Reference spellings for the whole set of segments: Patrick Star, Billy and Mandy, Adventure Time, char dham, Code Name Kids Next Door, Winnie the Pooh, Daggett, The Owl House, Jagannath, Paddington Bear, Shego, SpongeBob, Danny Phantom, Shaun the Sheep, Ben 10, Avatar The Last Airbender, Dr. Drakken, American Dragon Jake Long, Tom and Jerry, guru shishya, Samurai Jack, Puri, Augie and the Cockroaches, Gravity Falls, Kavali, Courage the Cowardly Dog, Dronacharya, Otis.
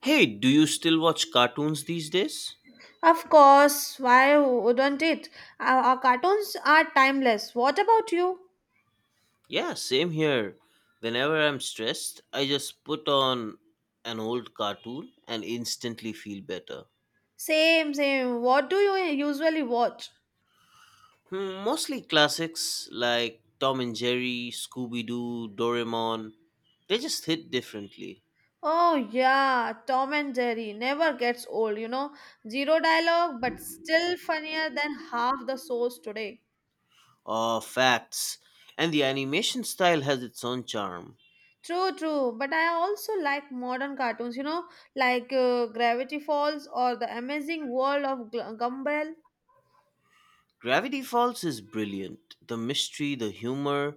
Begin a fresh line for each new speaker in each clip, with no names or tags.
Hey, do you still watch cartoons these days?
Of course, why wouldn't it? Our cartoons are timeless. What about you?
Yeah, same here. Whenever I'm stressed, I just put on an old cartoon and instantly feel better.
Same, same. What do you usually watch?
Hmm, mostly classics like Tom and Jerry, Scooby Doo, Doraemon. They just hit differently.
Oh, yeah, Tom and Jerry never gets old. Zero dialogue, but still funnier than half the shows today.
Oh, facts. And the animation style has its own charm.
True, true. But I also like modern cartoons, like Gravity Falls or The Amazing World of Gumball.
Gravity Falls is brilliant. The mystery, the humor,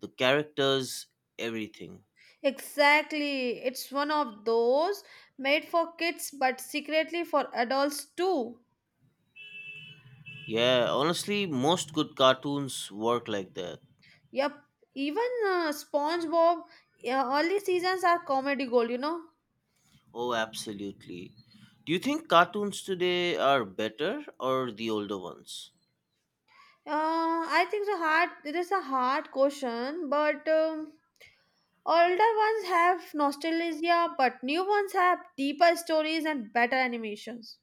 the characters, everything.
Exactly. It's one of those made for kids but secretly for adults too.
Yeah, honestly, most good cartoons work like that.
Yep. Even SpongeBob early seasons are comedy gold.
Oh, absolutely. Do you think cartoons today are better or the older ones?
I think the hard it is a hard question, but older ones have nostalgia, but new ones have deeper stories and better animations.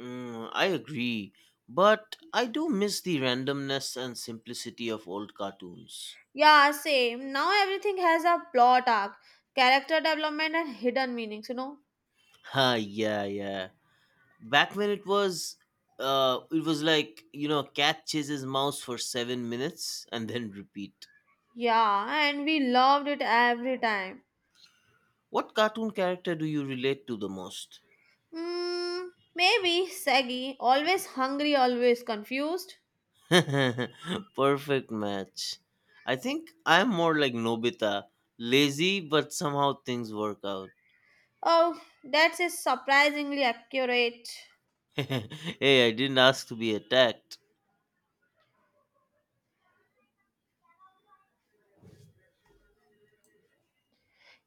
Mm, I agree, but I do miss the randomness and simplicity of old cartoons.
Yeah, same. Now everything has a plot arc, character development, and hidden meanings.
Ha, yeah, yeah. Back when it was like cat chases mouse for 7 minutes and then repeat.
Yeah, and we loved it every time.
What cartoon character do you relate to the most?
Hmm, Maybe Saggy, always hungry, always confused.
Perfect match. I think I'm more like Nobita, lazy, but somehow things work out.
Oh, that's a surprisingly accurate.
Hey, I didn't ask to be attacked.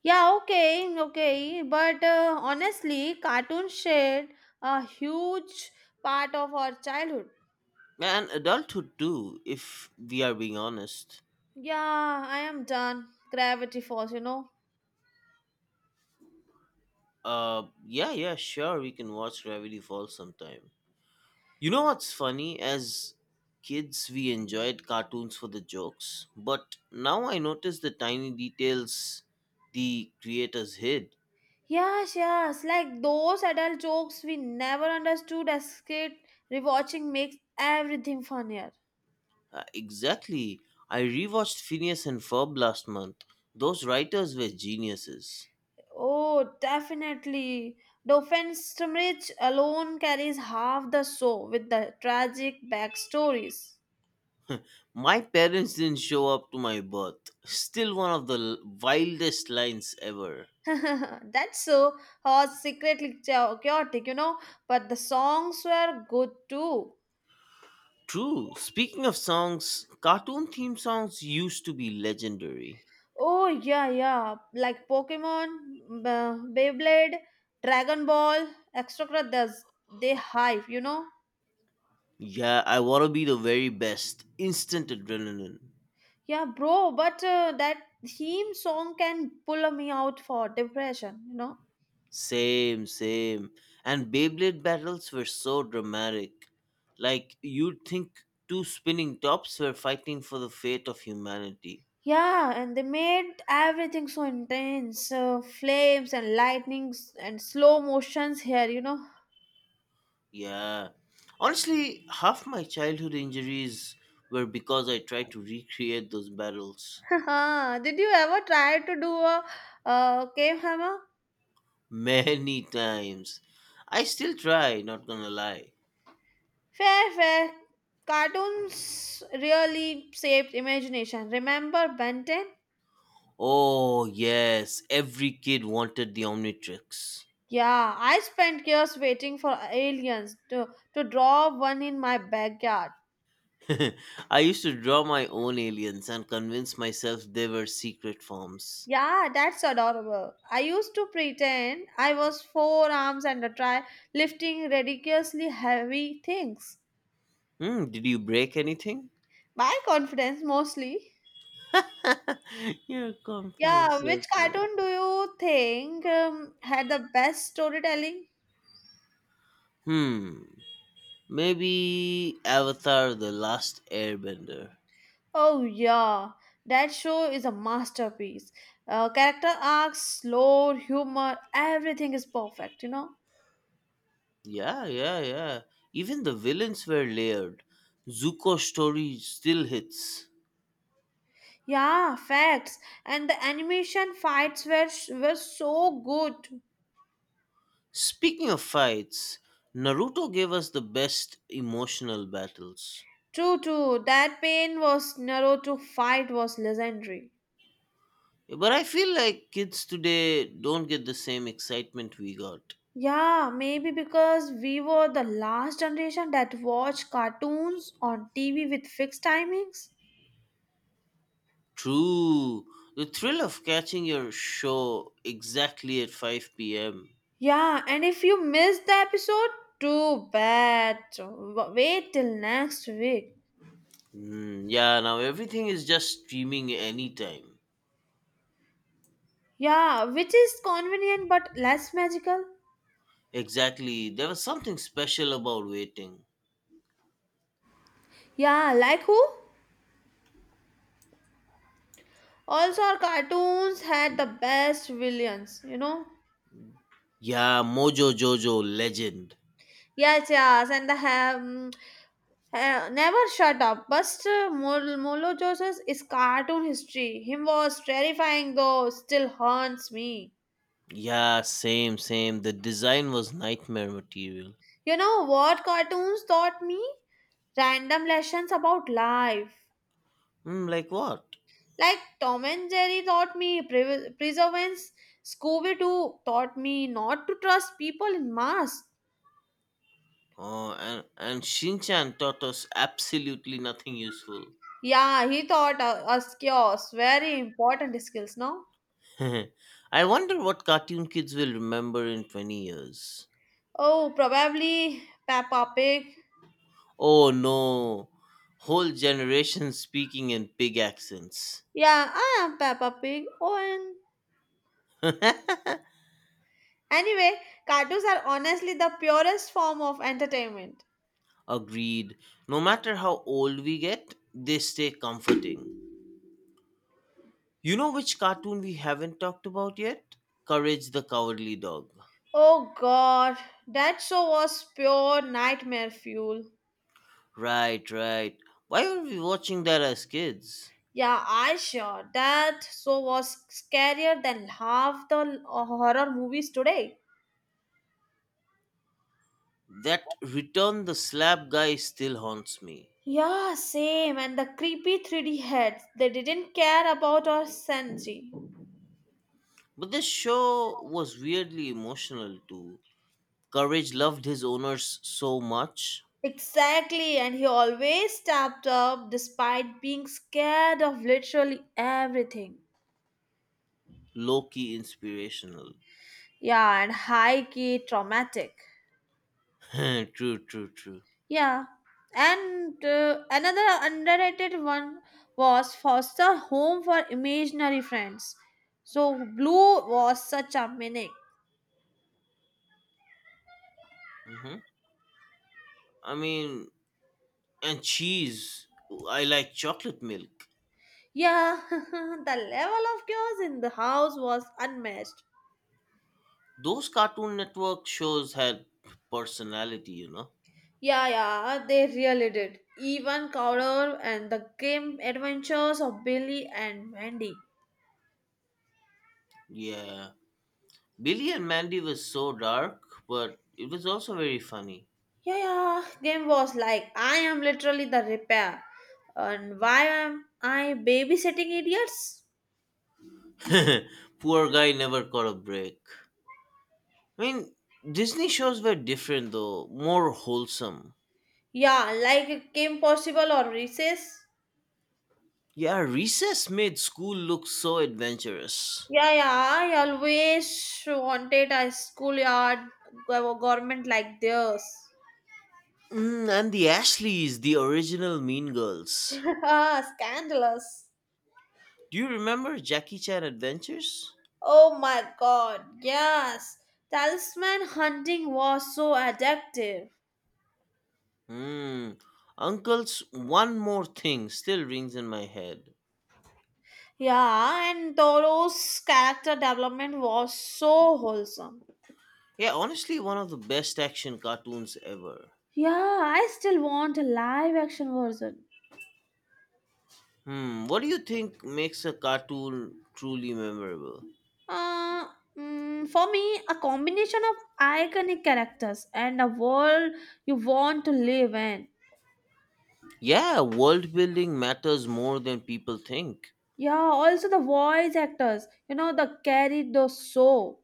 Yeah, okay, okay, but honestly, cartoons shared a huge part of our childhood.
And adulthood too, if we are being honest.
Yeah, I am done. Gravity Falls.
Yeah, yeah, sure, we can watch Gravity Falls sometime. You know what's funny? As kids, we enjoyed cartoons for the jokes, but now I notice the tiny details the creators hid.
Yes, yes, like those adult jokes we never understood as kids, rewatching makes everything funnier.
Exactly. I rewatched Phineas and Ferb last month. Those writers were geniuses.
Oh, definitely. The offense to alone carries half the show with the tragic backstories.
My parents didn't show up to my birth. Still one of the wildest lines ever.
That's so hot, secretly chaotic. But the songs were good too.
True. Speaking of songs, cartoon theme songs used to be legendary.
Oh yeah, yeah. Like Pokemon, Beyblade, Dragon Ball, extracurriculars. They hype.
Yeah, I wanna be the very best. Instant adrenaline.
Yeah, bro. But that theme song can pull me out for depression.
Same, same. And Beyblade battles were so dramatic. Like, you'd think two spinning tops were fighting for the fate of humanity.
Yeah, and they made everything so intense. Flames and lightnings and slow motions here.
Yeah. Honestly, half my childhood injuries were because I tried to recreate those battles.
Did you ever try to do a cave hammer?
Many times. I still try, not gonna lie.
Fair, fair. Cartoons really shaped imagination. Remember Ben 10?
Oh, yes, every kid wanted the Omnitrix.
Yeah, I spent years waiting for aliens to draw one in my backyard.
I used to draw my own aliens and convince myself they were secret forms.
Yeah, that's adorable. I used to pretend I was four arms and a try lifting ridiculously heavy things.
Hmm, did you break anything?
My confidence mostly.
Your
Yeah,
confidence,
which
that's right.
cartoon do you think had the best storytelling?
Hmm, maybe Avatar The Last Airbender.
Oh, yeah, that show is a masterpiece. Character arcs, lore, humor, everything is perfect, you know?
Yeah, yeah, yeah. Even the villains were layered. Zuko's story still hits.
Yeah, facts. And the animation fights were so good.
Speaking of fights, Naruto gave us the best emotional battles.
True, true. That pain was narrow to fight was legendary.
But I feel like kids today don't get the same excitement we got.
Yeah, maybe because we were the last generation that watched cartoons on TV with fixed timings.
True. The thrill of catching your show exactly at 5 p.m.
Yeah, and if you missed the episode, too bad. So, Wait till next week.
Mm, yeah, now everything is just streaming anytime.
Yeah, which is convenient but less magical.
Exactly. There was something special about waiting.
Yeah, like who? Also, our cartoons had the best villains.
Yeah, Mojo Jojo, legend.
Yes, yes, and the never shut up. But Molo Joseph's is cartoon history. Him was terrifying though, still haunts me.
Yeah, same, same. The design was nightmare material.
You know what cartoons taught me? Random lessons about life.
Mm, like what?
Like Tom and Jerry taught me perseverance. Scooby Doo taught me not to trust people in masks.
Oh, and Shinchan taught us absolutely nothing useful.
Yeah, he taught us chaos. Very important skills, no?
I wonder what cartoon kids will remember in 20 years.
Oh, probably Peppa Pig.
Oh no, whole generations speaking in pig accents.
Yeah, I am Peppa Pig. Oh, and anyway, cartoons are honestly the purest form of entertainment.
Agreed. No matter how old we get, they stay comforting. You know which cartoon we haven't talked about yet? Courage the Cowardly Dog.
Oh God, that show was pure nightmare fuel.
Right, right. Why were we watching that as kids?
Yeah, I sure that show was scarier than half the horror movies today.
That Return the Slab guy still haunts me.
Yeah, same. And the creepy 3D heads, they didn't care about our sanity.
But this show was weirdly emotional too. Courage loved his owners so much.
Exactly, and he always stepped up despite being scared of literally everything.
Low key inspirational.
Yeah, and high key traumatic.
True, true, true.
Yeah. And another underrated one was Foster Home for Imaginary Friends. So Blue was such a maniac.
Hmm, I mean, and cheese. I like chocolate milk.
Yeah, the level of chaos in the house was unmatched.
Those Cartoon Network shows had personality, you know?
Yeah, yeah, they really did. Even Cowder and the game adventures of Billy and Mandy.
Yeah. Billy and Mandy was so dark, but it was also very funny.
Yeah, yeah. Game was like, I am literally the repair. And why am I babysitting idiots?
Poor guy never caught a break. I mean, Disney shows were different though, more wholesome.
Yeah, like it came possible or recess.
Yeah, recess made school look so adventurous.
Yeah, yeah. I always wanted a schoolyard government like theirs.
Mm, and the Ashleys, the original Mean Girls.
Ah, scandalous.
Do you remember Jackie Chan Adventures?
Oh my god, yes. Talisman hunting was so addictive.
Hmm. Uncle's One More Thing still rings in my head.
Yeah, and Toro's character development was so wholesome.
Yeah, honestly, one of the best action cartoons ever.
Yeah, I still want a live action version.
Hmm. What do you think makes a cartoon truly memorable?
Uh, for me, a combination of iconic characters and a world you want to live in.
Yeah, world building matters more than people think.
Yeah, also the voice actors, the carried those so.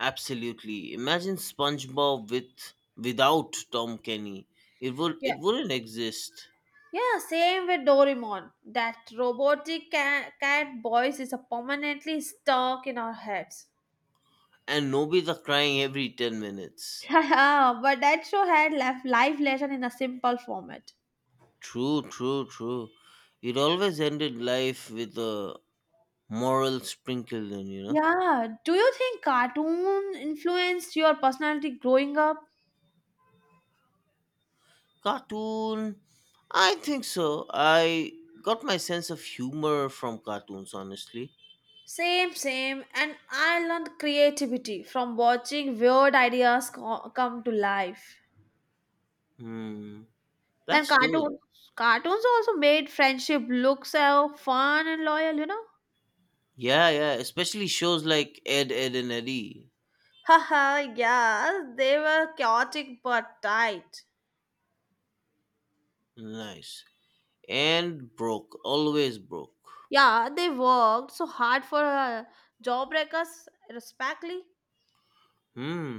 Absolutely. Imagine SpongeBob without Tom Kenny.
Yeah.
It wouldn't exist.
Yeah, same with Doraemon. That robotic cat voice is a permanently stuck in our heads.
And Nobita crying every 10 minutes.
Yeah, but that show had left live lesson in a simple format.
True, true, true. It always ended life with a moral sprinkled in, you know.
Yeah. Do you think cartoon influenced your personality growing up?
Cartoon, I think so. I got my sense of humor from cartoons, honestly.
Same, same. And I learned creativity from watching weird ideas come to life.
Hmm.
Then
That's good.
cartoons also made friendship look so fun and loyal. You know.
Yeah, yeah. Especially shows like Ed, Ed and Eddie.
Haha. Yeah. They were chaotic but tight.
Nice. And broke, always broke.
Yeah, they worked so hard for jawbreakers, respectly.
Hmm,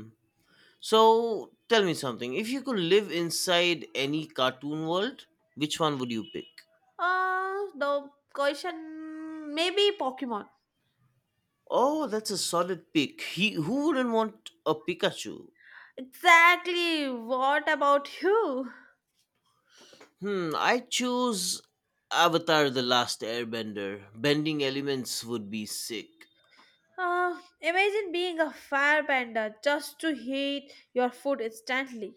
so tell me something, if you could live inside any cartoon world, which one would you pick?
The question maybe Pokemon.
Oh, that's a solid pick. He who wouldn't want a Pikachu.
Exactly. What about you?
Hmm, I choose Avatar The Last Airbender. Bending elements would be sick.
Imagine being a firebender just to heat your food instantly.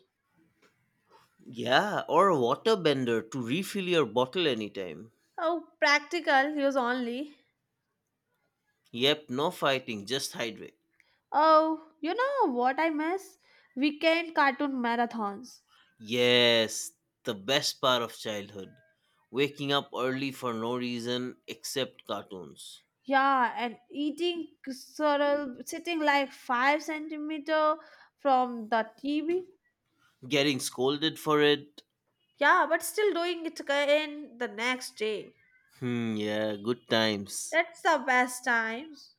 Yeah, or a waterbender to refill your bottle anytime.
Oh, practical use only.
Yep, no fighting, just hydrate.
Oh, you know what I miss? Weekend cartoon marathons.
Yes, the best part of childhood. Waking up early for no reason except cartoons.
Yeah, and eating sorrel sitting like 5 centimeter from the TV.
Getting scolded for it.
Yeah, but still doing it again the next day.
Hmm, yeah, good times.
That's the best times.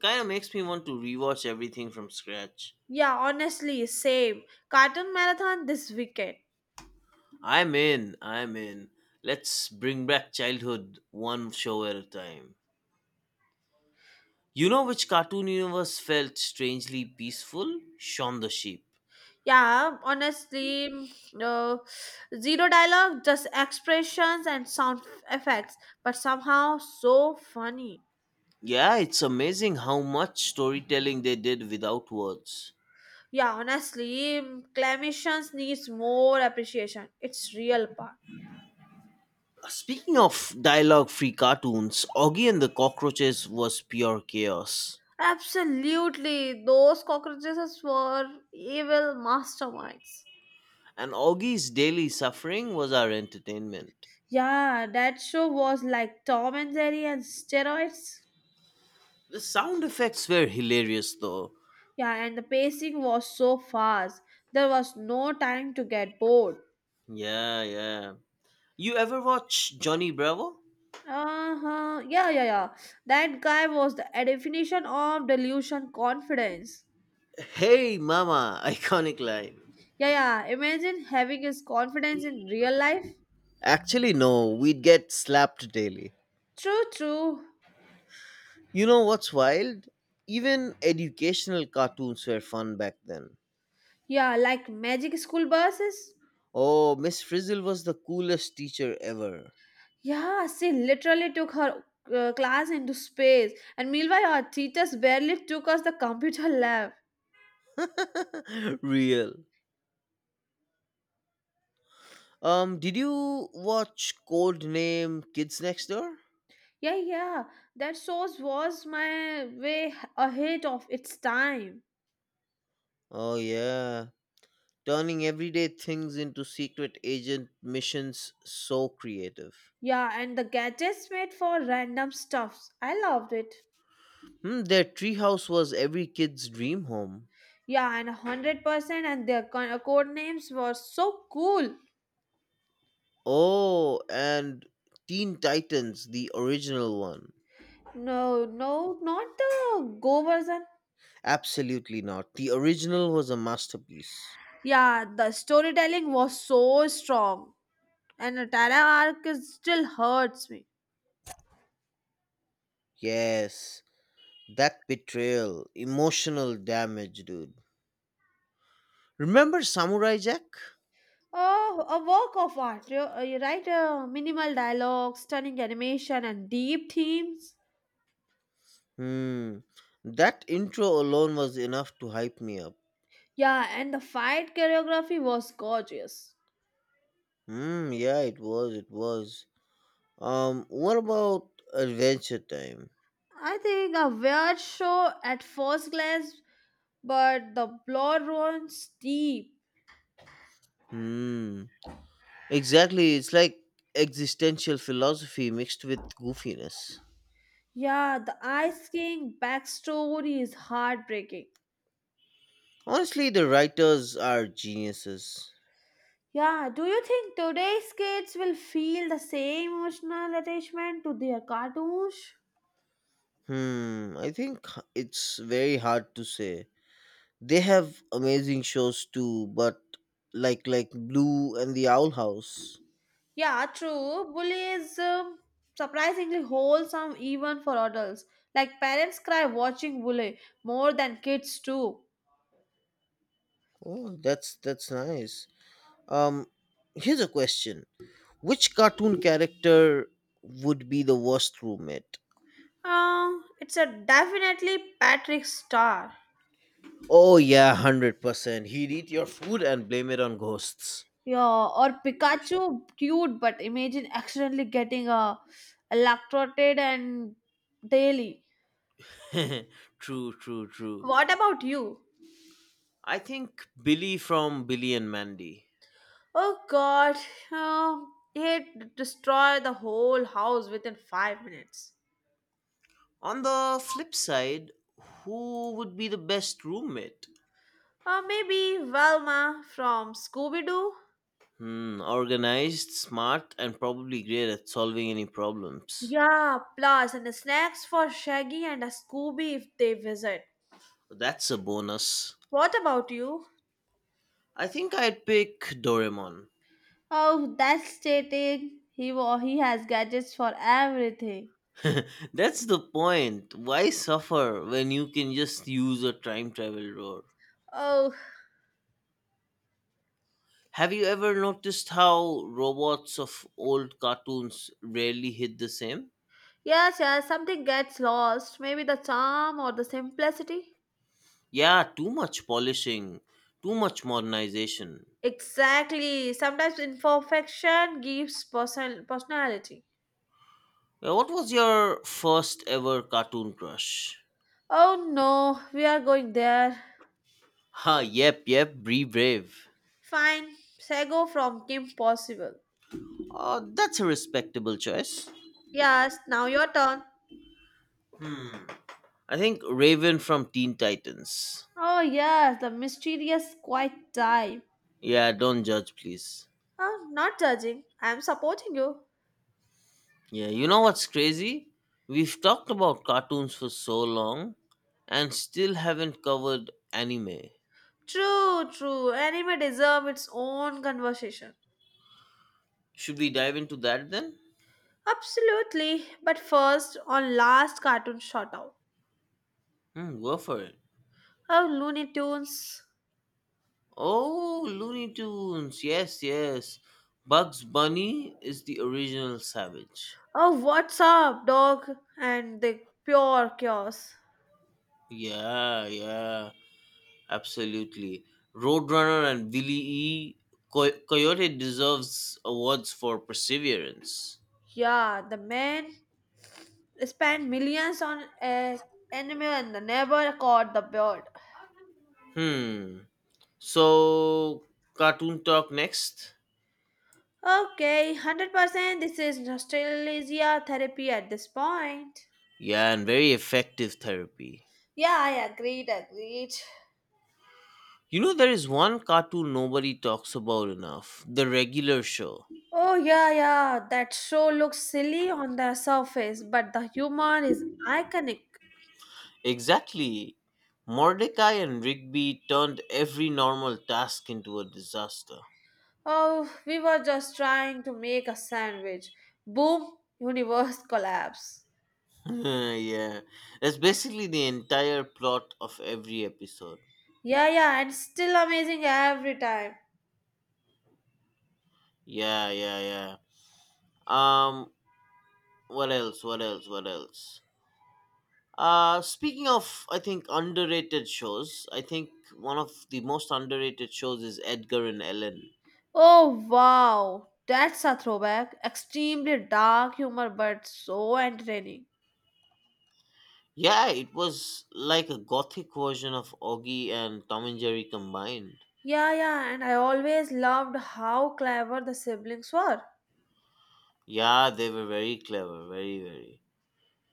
Kind of makes me want to rewatch everything from scratch.
Yeah, honestly, same. Cartoon marathon this weekend.
I'm in, I'm in. Let's bring back childhood one show at a time. You know which cartoon universe felt strangely peaceful? Shaun the Sheep.
Yeah, honestly, uh, zero dialogue, just expressions and sound effects, but somehow so funny.
Yeah, it's amazing how much storytelling they did without words.
Yeah, honestly, clamations needs more appreciation. It's real part.
Speaking of dialogue free cartoons, Augie and the Cockroaches was pure chaos.
Absolutely, those cockroaches were evil masterminds.
And Augie's daily suffering was our entertainment.
Yeah, that show was like Tom and Jerry and steroids.
The sound effects were hilarious though.
Yeah, and the pacing was so fast. There was no time to get bored.
Yeah, yeah. You ever watch Johnny Bravo?
Uh-huh. Yeah, yeah, yeah. That guy was the definition of delusion confidence.
Hey mama, iconic line.
Yeah, yeah. Imagine having his confidence in real life.
Actually, no, we'd get slapped daily.
True, true.
You know what's wild? Even educational cartoons were fun back then.
Yeah, like magic school buses.
Oh, Miss Frizzle was the coolest teacher ever.
Yeah, she literally took her class into space. And meanwhile, our teachers barely took us the computer lab.
Real. Did you watch Code Name Kids Next Door?
Yeah, yeah. That sauce was my way ahead of its time.
Oh yeah, turning everyday things into secret agent missions. So creative.
Yeah, and the gadgets made for random stuffs. I loved it.
Hmm, their treehouse was every kid's dream home.
Yeah, and 100% and their code names were so cool.
Oh, and Teen Titans, the original one.
No, no, not the Go version.
Absolutely not. The original was a masterpiece.
Yeah, the storytelling was so strong. And the Tara arc is, still hurts me.
Yes, that betrayal, emotional damage, dude. Remember Samurai Jack?
Oh, a work of art. You write minimal dialogue, stunning animation, and deep themes.
Hmm. That intro alone was enough to hype me up.
Yeah, and the fight choreography was gorgeous.
Hmm. Yeah, it was. It was. Um, what about Adventure Time?
I think a weird show at first glance, but the blood runs deep.
Hmm. Exactly. It's like existential philosophy mixed with goofiness.
Yeah, the Ice King backstory is heartbreaking.
Honestly, the writers are geniuses.
Yeah, do you think today's kids will feel the same emotional attachment to their cartoons?
Hmm. I think it's very hard to say. They have amazing shows too, but like Blue and the Owl House.
Yeah, true. Bully is surprisingly wholesome even for adults. Like parents cry watching Bully more than kids do.
Oh, that's nice. Um, here's a question: which cartoon character would be the worst roommate?
Uh, it's a definitely Patrick Star.
Oh yeah, 100%. He'd eat your food and blame it on ghosts.
Yeah, or Pikachu, cute, but imagine accidentally getting a electrocuted and daily.
True, true, true.
What about you?
I think Billy from Billy and Mandy.
Oh god, uh, he'd destroy the whole house within 5 minutes.
On the flip side, who would be the best roommate?
Or maybe Velma from Scooby Doo?
Hmm, organized, smart, and probably great at solving any problems.
Yeah, plus and the snacks for Shaggy and a Scooby if they visit.
That's a bonus.
What about you?
I think I'd pick Doraemon.
Oh, that's cheating! He has gadgets for everything.
That's the point. Why suffer when you can just use a time travel door?
Oh,
Have you ever noticed how robots of old cartoons rarely hit the same?
yes, yes, something gets lost. Maybe the charm or the simplicity.
Yeah, too much polishing, too much modernization.
Exactly. Sometimes imperfection gives personality.
Well, what was your first ever cartoon crush?
Oh no, we are going there.
Ha, yep, yep, Bree Brave.
Fine. Sego from Kim Possible.
Oh, that's a respectable choice.
Yes, now your turn.
I think Raven from Teen Titans.
Oh yes, the mysterious quiet type.
Yeah, don't judge, please.
Oh, not judging. I am supporting you.
Yeah, you know what's crazy? We've talked about cartoons for so long and still haven't covered anime.
True, true. Anime deserve its own conversation.
Should we dive into that then?
Absolutely. But first, on last cartoon shout out.
Hmm, go for it.
Oh, Looney Tunes.
Oh, Looney Tunes. Yes, yes. Bugs Bunny is the original savage.
Oh, what's up, dog? And the pure chaos.
Yeah, yeah, absolutely. Roadrunner and Billy E. Coyote deserves awards for perseverance.
Yeah, the man spent millions on a anime and never caught the bird.
Hmm. So, cartoon talk next.
Okay, 100% this is nostalgia therapy at this point.
Yeah, and very effective therapy.
Yeah, I agreed, agreed.
You know, there is one cartoon nobody talks about enough, The Regular Show.
Oh, yeah, yeah. That show looks silly on the surface, but the humor is iconic.
Exactly. Mordecai and Rigby turned every normal task into a disaster.
Oh, we were just trying to make a sandwich. Boom, universe collapse.
Yeah, that's basically the entire plot of every episode.
Yeah, yeah, and still amazing every time.
Yeah, yeah, yeah. Um, what else? What else? What else? Speaking of, I think underrated shows. I think one of the most underrated shows is Edgar and Ellen.
Oh, wow. That's a throwback. Extremely dark humor, but so entertaining.
Yeah, it was like a gothic version of Augie and Tom and Jerry combined.
Yeah, yeah, and I always loved how clever the siblings were.
Yeah, they were very clever, very, very.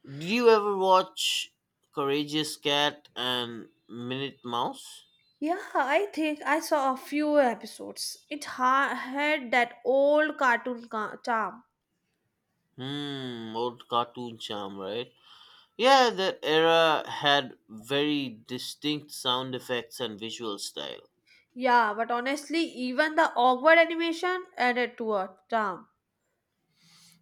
Did you ever watch Courageous Cat and Minute Mouse?
Yeah, I think I saw a few episodes. It had that old cartoon charm.
Hmm, old cartoon charm, right? Yeah, that era had very distinct sound effects and visual style.
Yeah, but honestly, even the awkward animation added to a charm.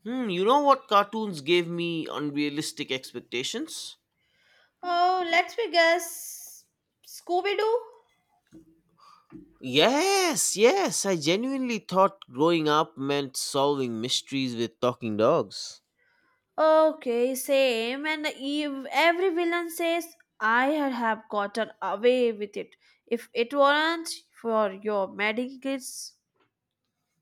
Hmm, you know what cartoons gave me unrealistic expectations?
Oh, let me guess. Scooby Doo?
Yes, yes, I genuinely thought growing up meant solving mysteries with talking dogs.
Okay, same. And every villain says, I had have gotten away with it if it weren't for your meddling kids.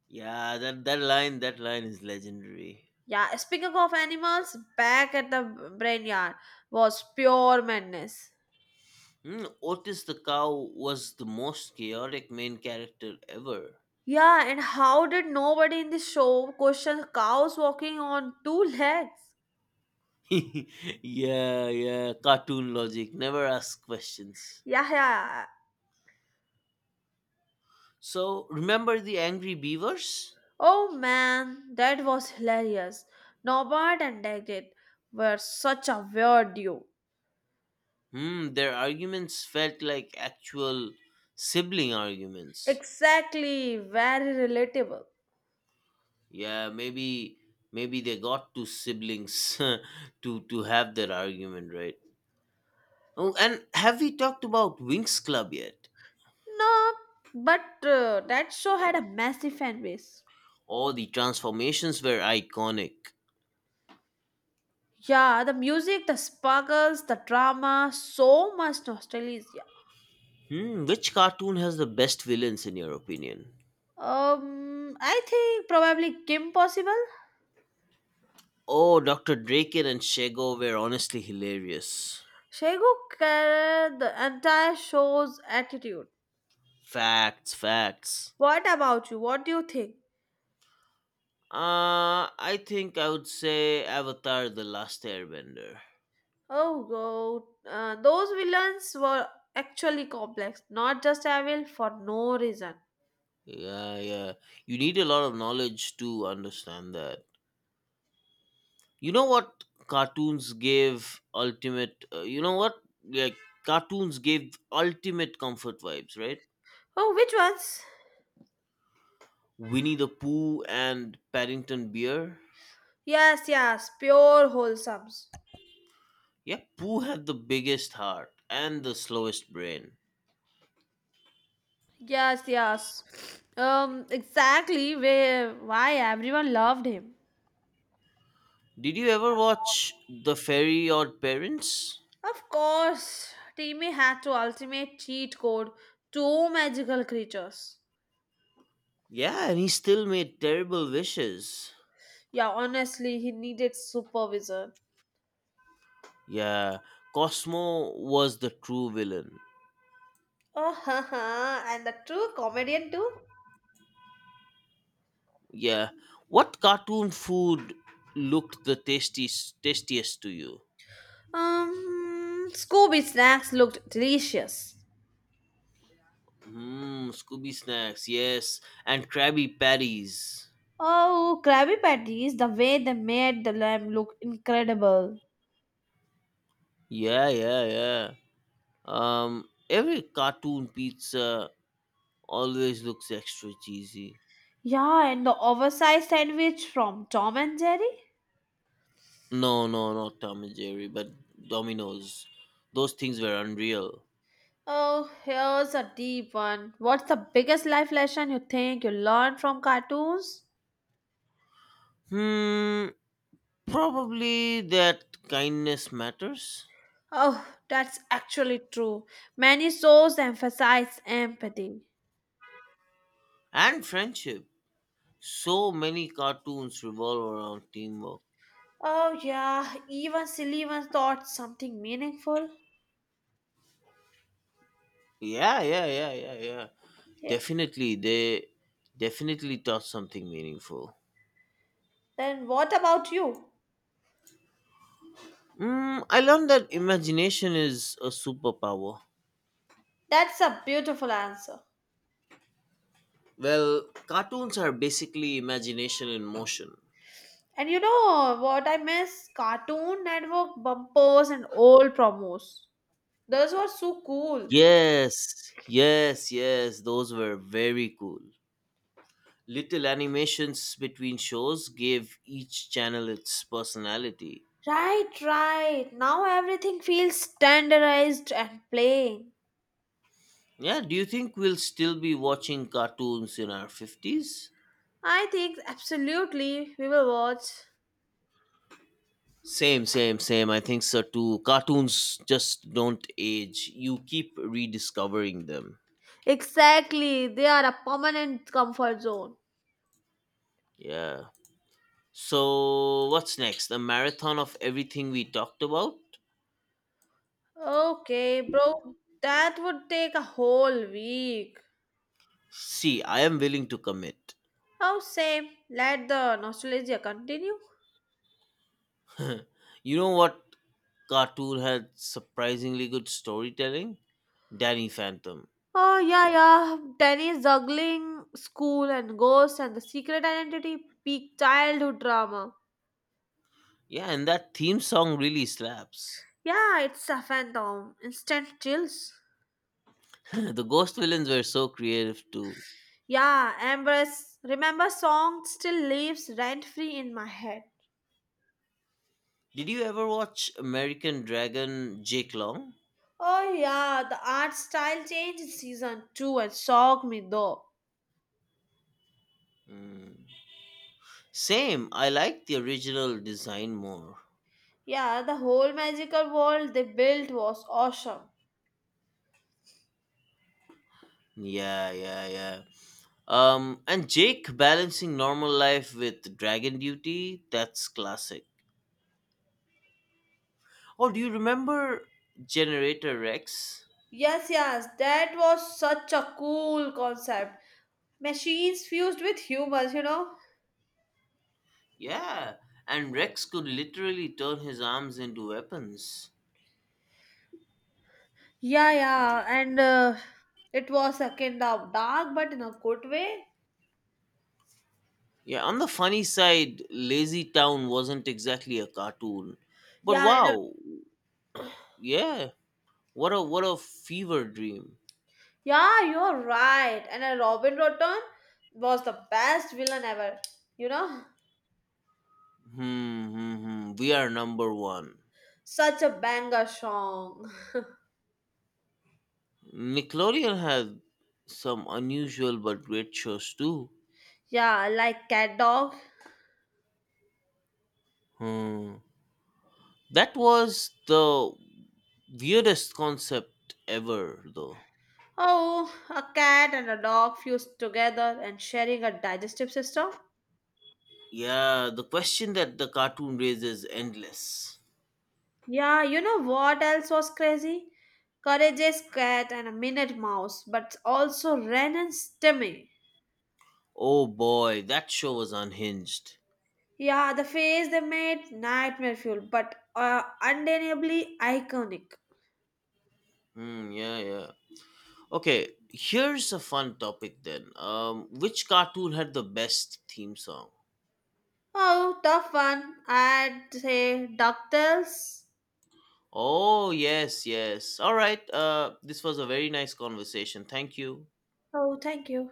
Yeah, that line is legendary.
Yeah, speaking of animals, back at the Brainyard was pure madness.
Hmm, Otis the cow was the most chaotic main character ever.
Yeah, and how did nobody in the show question cows walking on two legs?
Yeah, yeah, cartoon logic. Never ask questions.
Yeah, yeah.
So remember the angry beavers?
Oh man, that was hilarious. Norbert and Daggett were such a weird duo.
Hmm, their arguments felt like actual sibling arguments.
Exactly, very relatable.
Yeah, maybe they got two siblings to have their argument, right? Oh, and have we talked about Winx Club yet?
No, but that show had a massive fan base.
Oh, the transformations were iconic.
Yeah, the music, the sparkles, the drama, so much nostalgia.
Hmm, which cartoon has the best villains in your opinion?
I think probably Kim Possible.
Oh, Dr. Draken and Shego were honestly hilarious.
Shego carried the entire show's attitude.
Facts, facts.
What about you? What do you think?
I think I would say Avatar The Last Airbender.
Oh, God. Those villains were actually complex, not just evil for no reason.
Yeah, yeah. You need a lot of knowledge to understand that. You know what cartoons gave ultimate you know what like cartoons gave ultimate comfort vibes, right?
Oh, which ones?
Winnie the Pooh and Paddington Bear.
Yes, yes, pure wholesomes.
Yeah, Pooh had the biggest heart and the slowest brain.
Yes, yes. Exactly where why everyone loved him.
Did you ever watch The Fairy Odd Parents?
Of course, Timmy had to ultimate cheat code two magical creatures.
Yeah, and he still made terrible wishes.
Yeah, honestly, he needed supervision.
Yeah, Cosmo was the true villain.
Oh, Haha. And the true comedian too?
Yeah, what cartoon food looked the tastiest to you?
Scooby snacks looked delicious.
Hmm, Scooby Snacks, yes, and Krabby Patties.
Oh, Krabby Patties, the way they made the lamb look incredible.
Yeah, yeah, yeah. Every cartoon pizza always looks extra cheesy.
Yeah, and the oversized sandwich from Tom and Jerry?
No, no, not Tom and Jerry, but Domino's. Those things were unreal.
Oh, here's a deep one. What's the biggest life lesson you think you learned from cartoons?
Hmm, probably that kindness matters.
Oh, that's actually true. Many shows emphasize empathy.
And friendship. So many cartoons revolve around teamwork.
Oh, yeah, even silly ones thought something meaningful.
Yeah, yeah, yeah, yeah, yeah.
Yeah.
Definitely, they definitely taught something meaningful.
Then what about you?
Mm, I learned that imagination is a superpower.
That's a beautiful answer.
Well, cartoons are basically imagination in motion.
And you know what I miss? Cartoon Network bumpers and old promos. Those were so cool.
Yes, yes, yes, those were very cool. Little animations between shows gave each channel its personality.
Right, right. Now everything feels standardized and plain.
Yeah, do you think we'll still be watching cartoons in our 50s?
I think absolutely we will watch.
Same, same, same. I think so too. Cartoons just don't age. You keep rediscovering them.
Exactly, they are a permanent comfort zone.
Yeah. So, what's next? A marathon of everything we talked about?
Okay, bro, that would take a whole week.
See, I am willing to commit.
How say, let the nostalgia continue?
You know what cartoon had surprisingly good storytelling? Danny Phantom.
Oh, yeah, yeah. Tennis, juggling, school and ghosts and the secret identity, peak childhood drama.
Yeah, and that theme song really slaps.
Yeah, it's a phantom. Instant chills.
The ghost villains were so creative too.
Yeah, Ambrose, remember song still lives rent-free in my head.
Did you ever watch American Dragon Jake Long?
Oh yeah, the art style changed in season 2 and shocked me though.
Mm. Same. I like the original design more.
Yeah, the whole magical world they built was awesome.
Yeah, yeah, yeah. And Jake balancing normal life with dragon duty, that's classic. Oh, do you remember Generator Rex?
Yes, yes, that was such a cool concept. Machines fused with humans, you know?
Yeah, and Rex could literally turn his arms into weapons.
Yeah, yeah, and it was a kind of dark, but in a good way.
Yeah, on the funny side, Lazy Town wasn't exactly a cartoon. But
Yeah, and,
wow, yeah, what a fever dream.
yeah, you're right. And Robin Rotten was the best villain ever, you know?
Hmm, hmm, hmm. We are number one.
Such a banger song.
Nickelodeon had some unusual but great shows too.
Yeah, like Cat Dog.
Hmm. That was the weirdest concept ever, though.
Oh, a cat and a dog fused together and sharing a digestive system?
Yeah, the question that the cartoon raises is endless.
Yeah, you know what else was crazy? Courageous cat and a minute mouse, but also Ren and Stimmy.
Oh boy, that show was unhinged.
Yeah, the face they made nightmare fuel, but undeniably iconic.
Hmm, yeah, yeah. Okay, here's a fun topic then. Which cartoon had the best theme song?
Oh, tough one. I'd say DuckTales.
Oh, yes, yes. All right. This was a very nice conversation. Thank you.
Oh, thank you.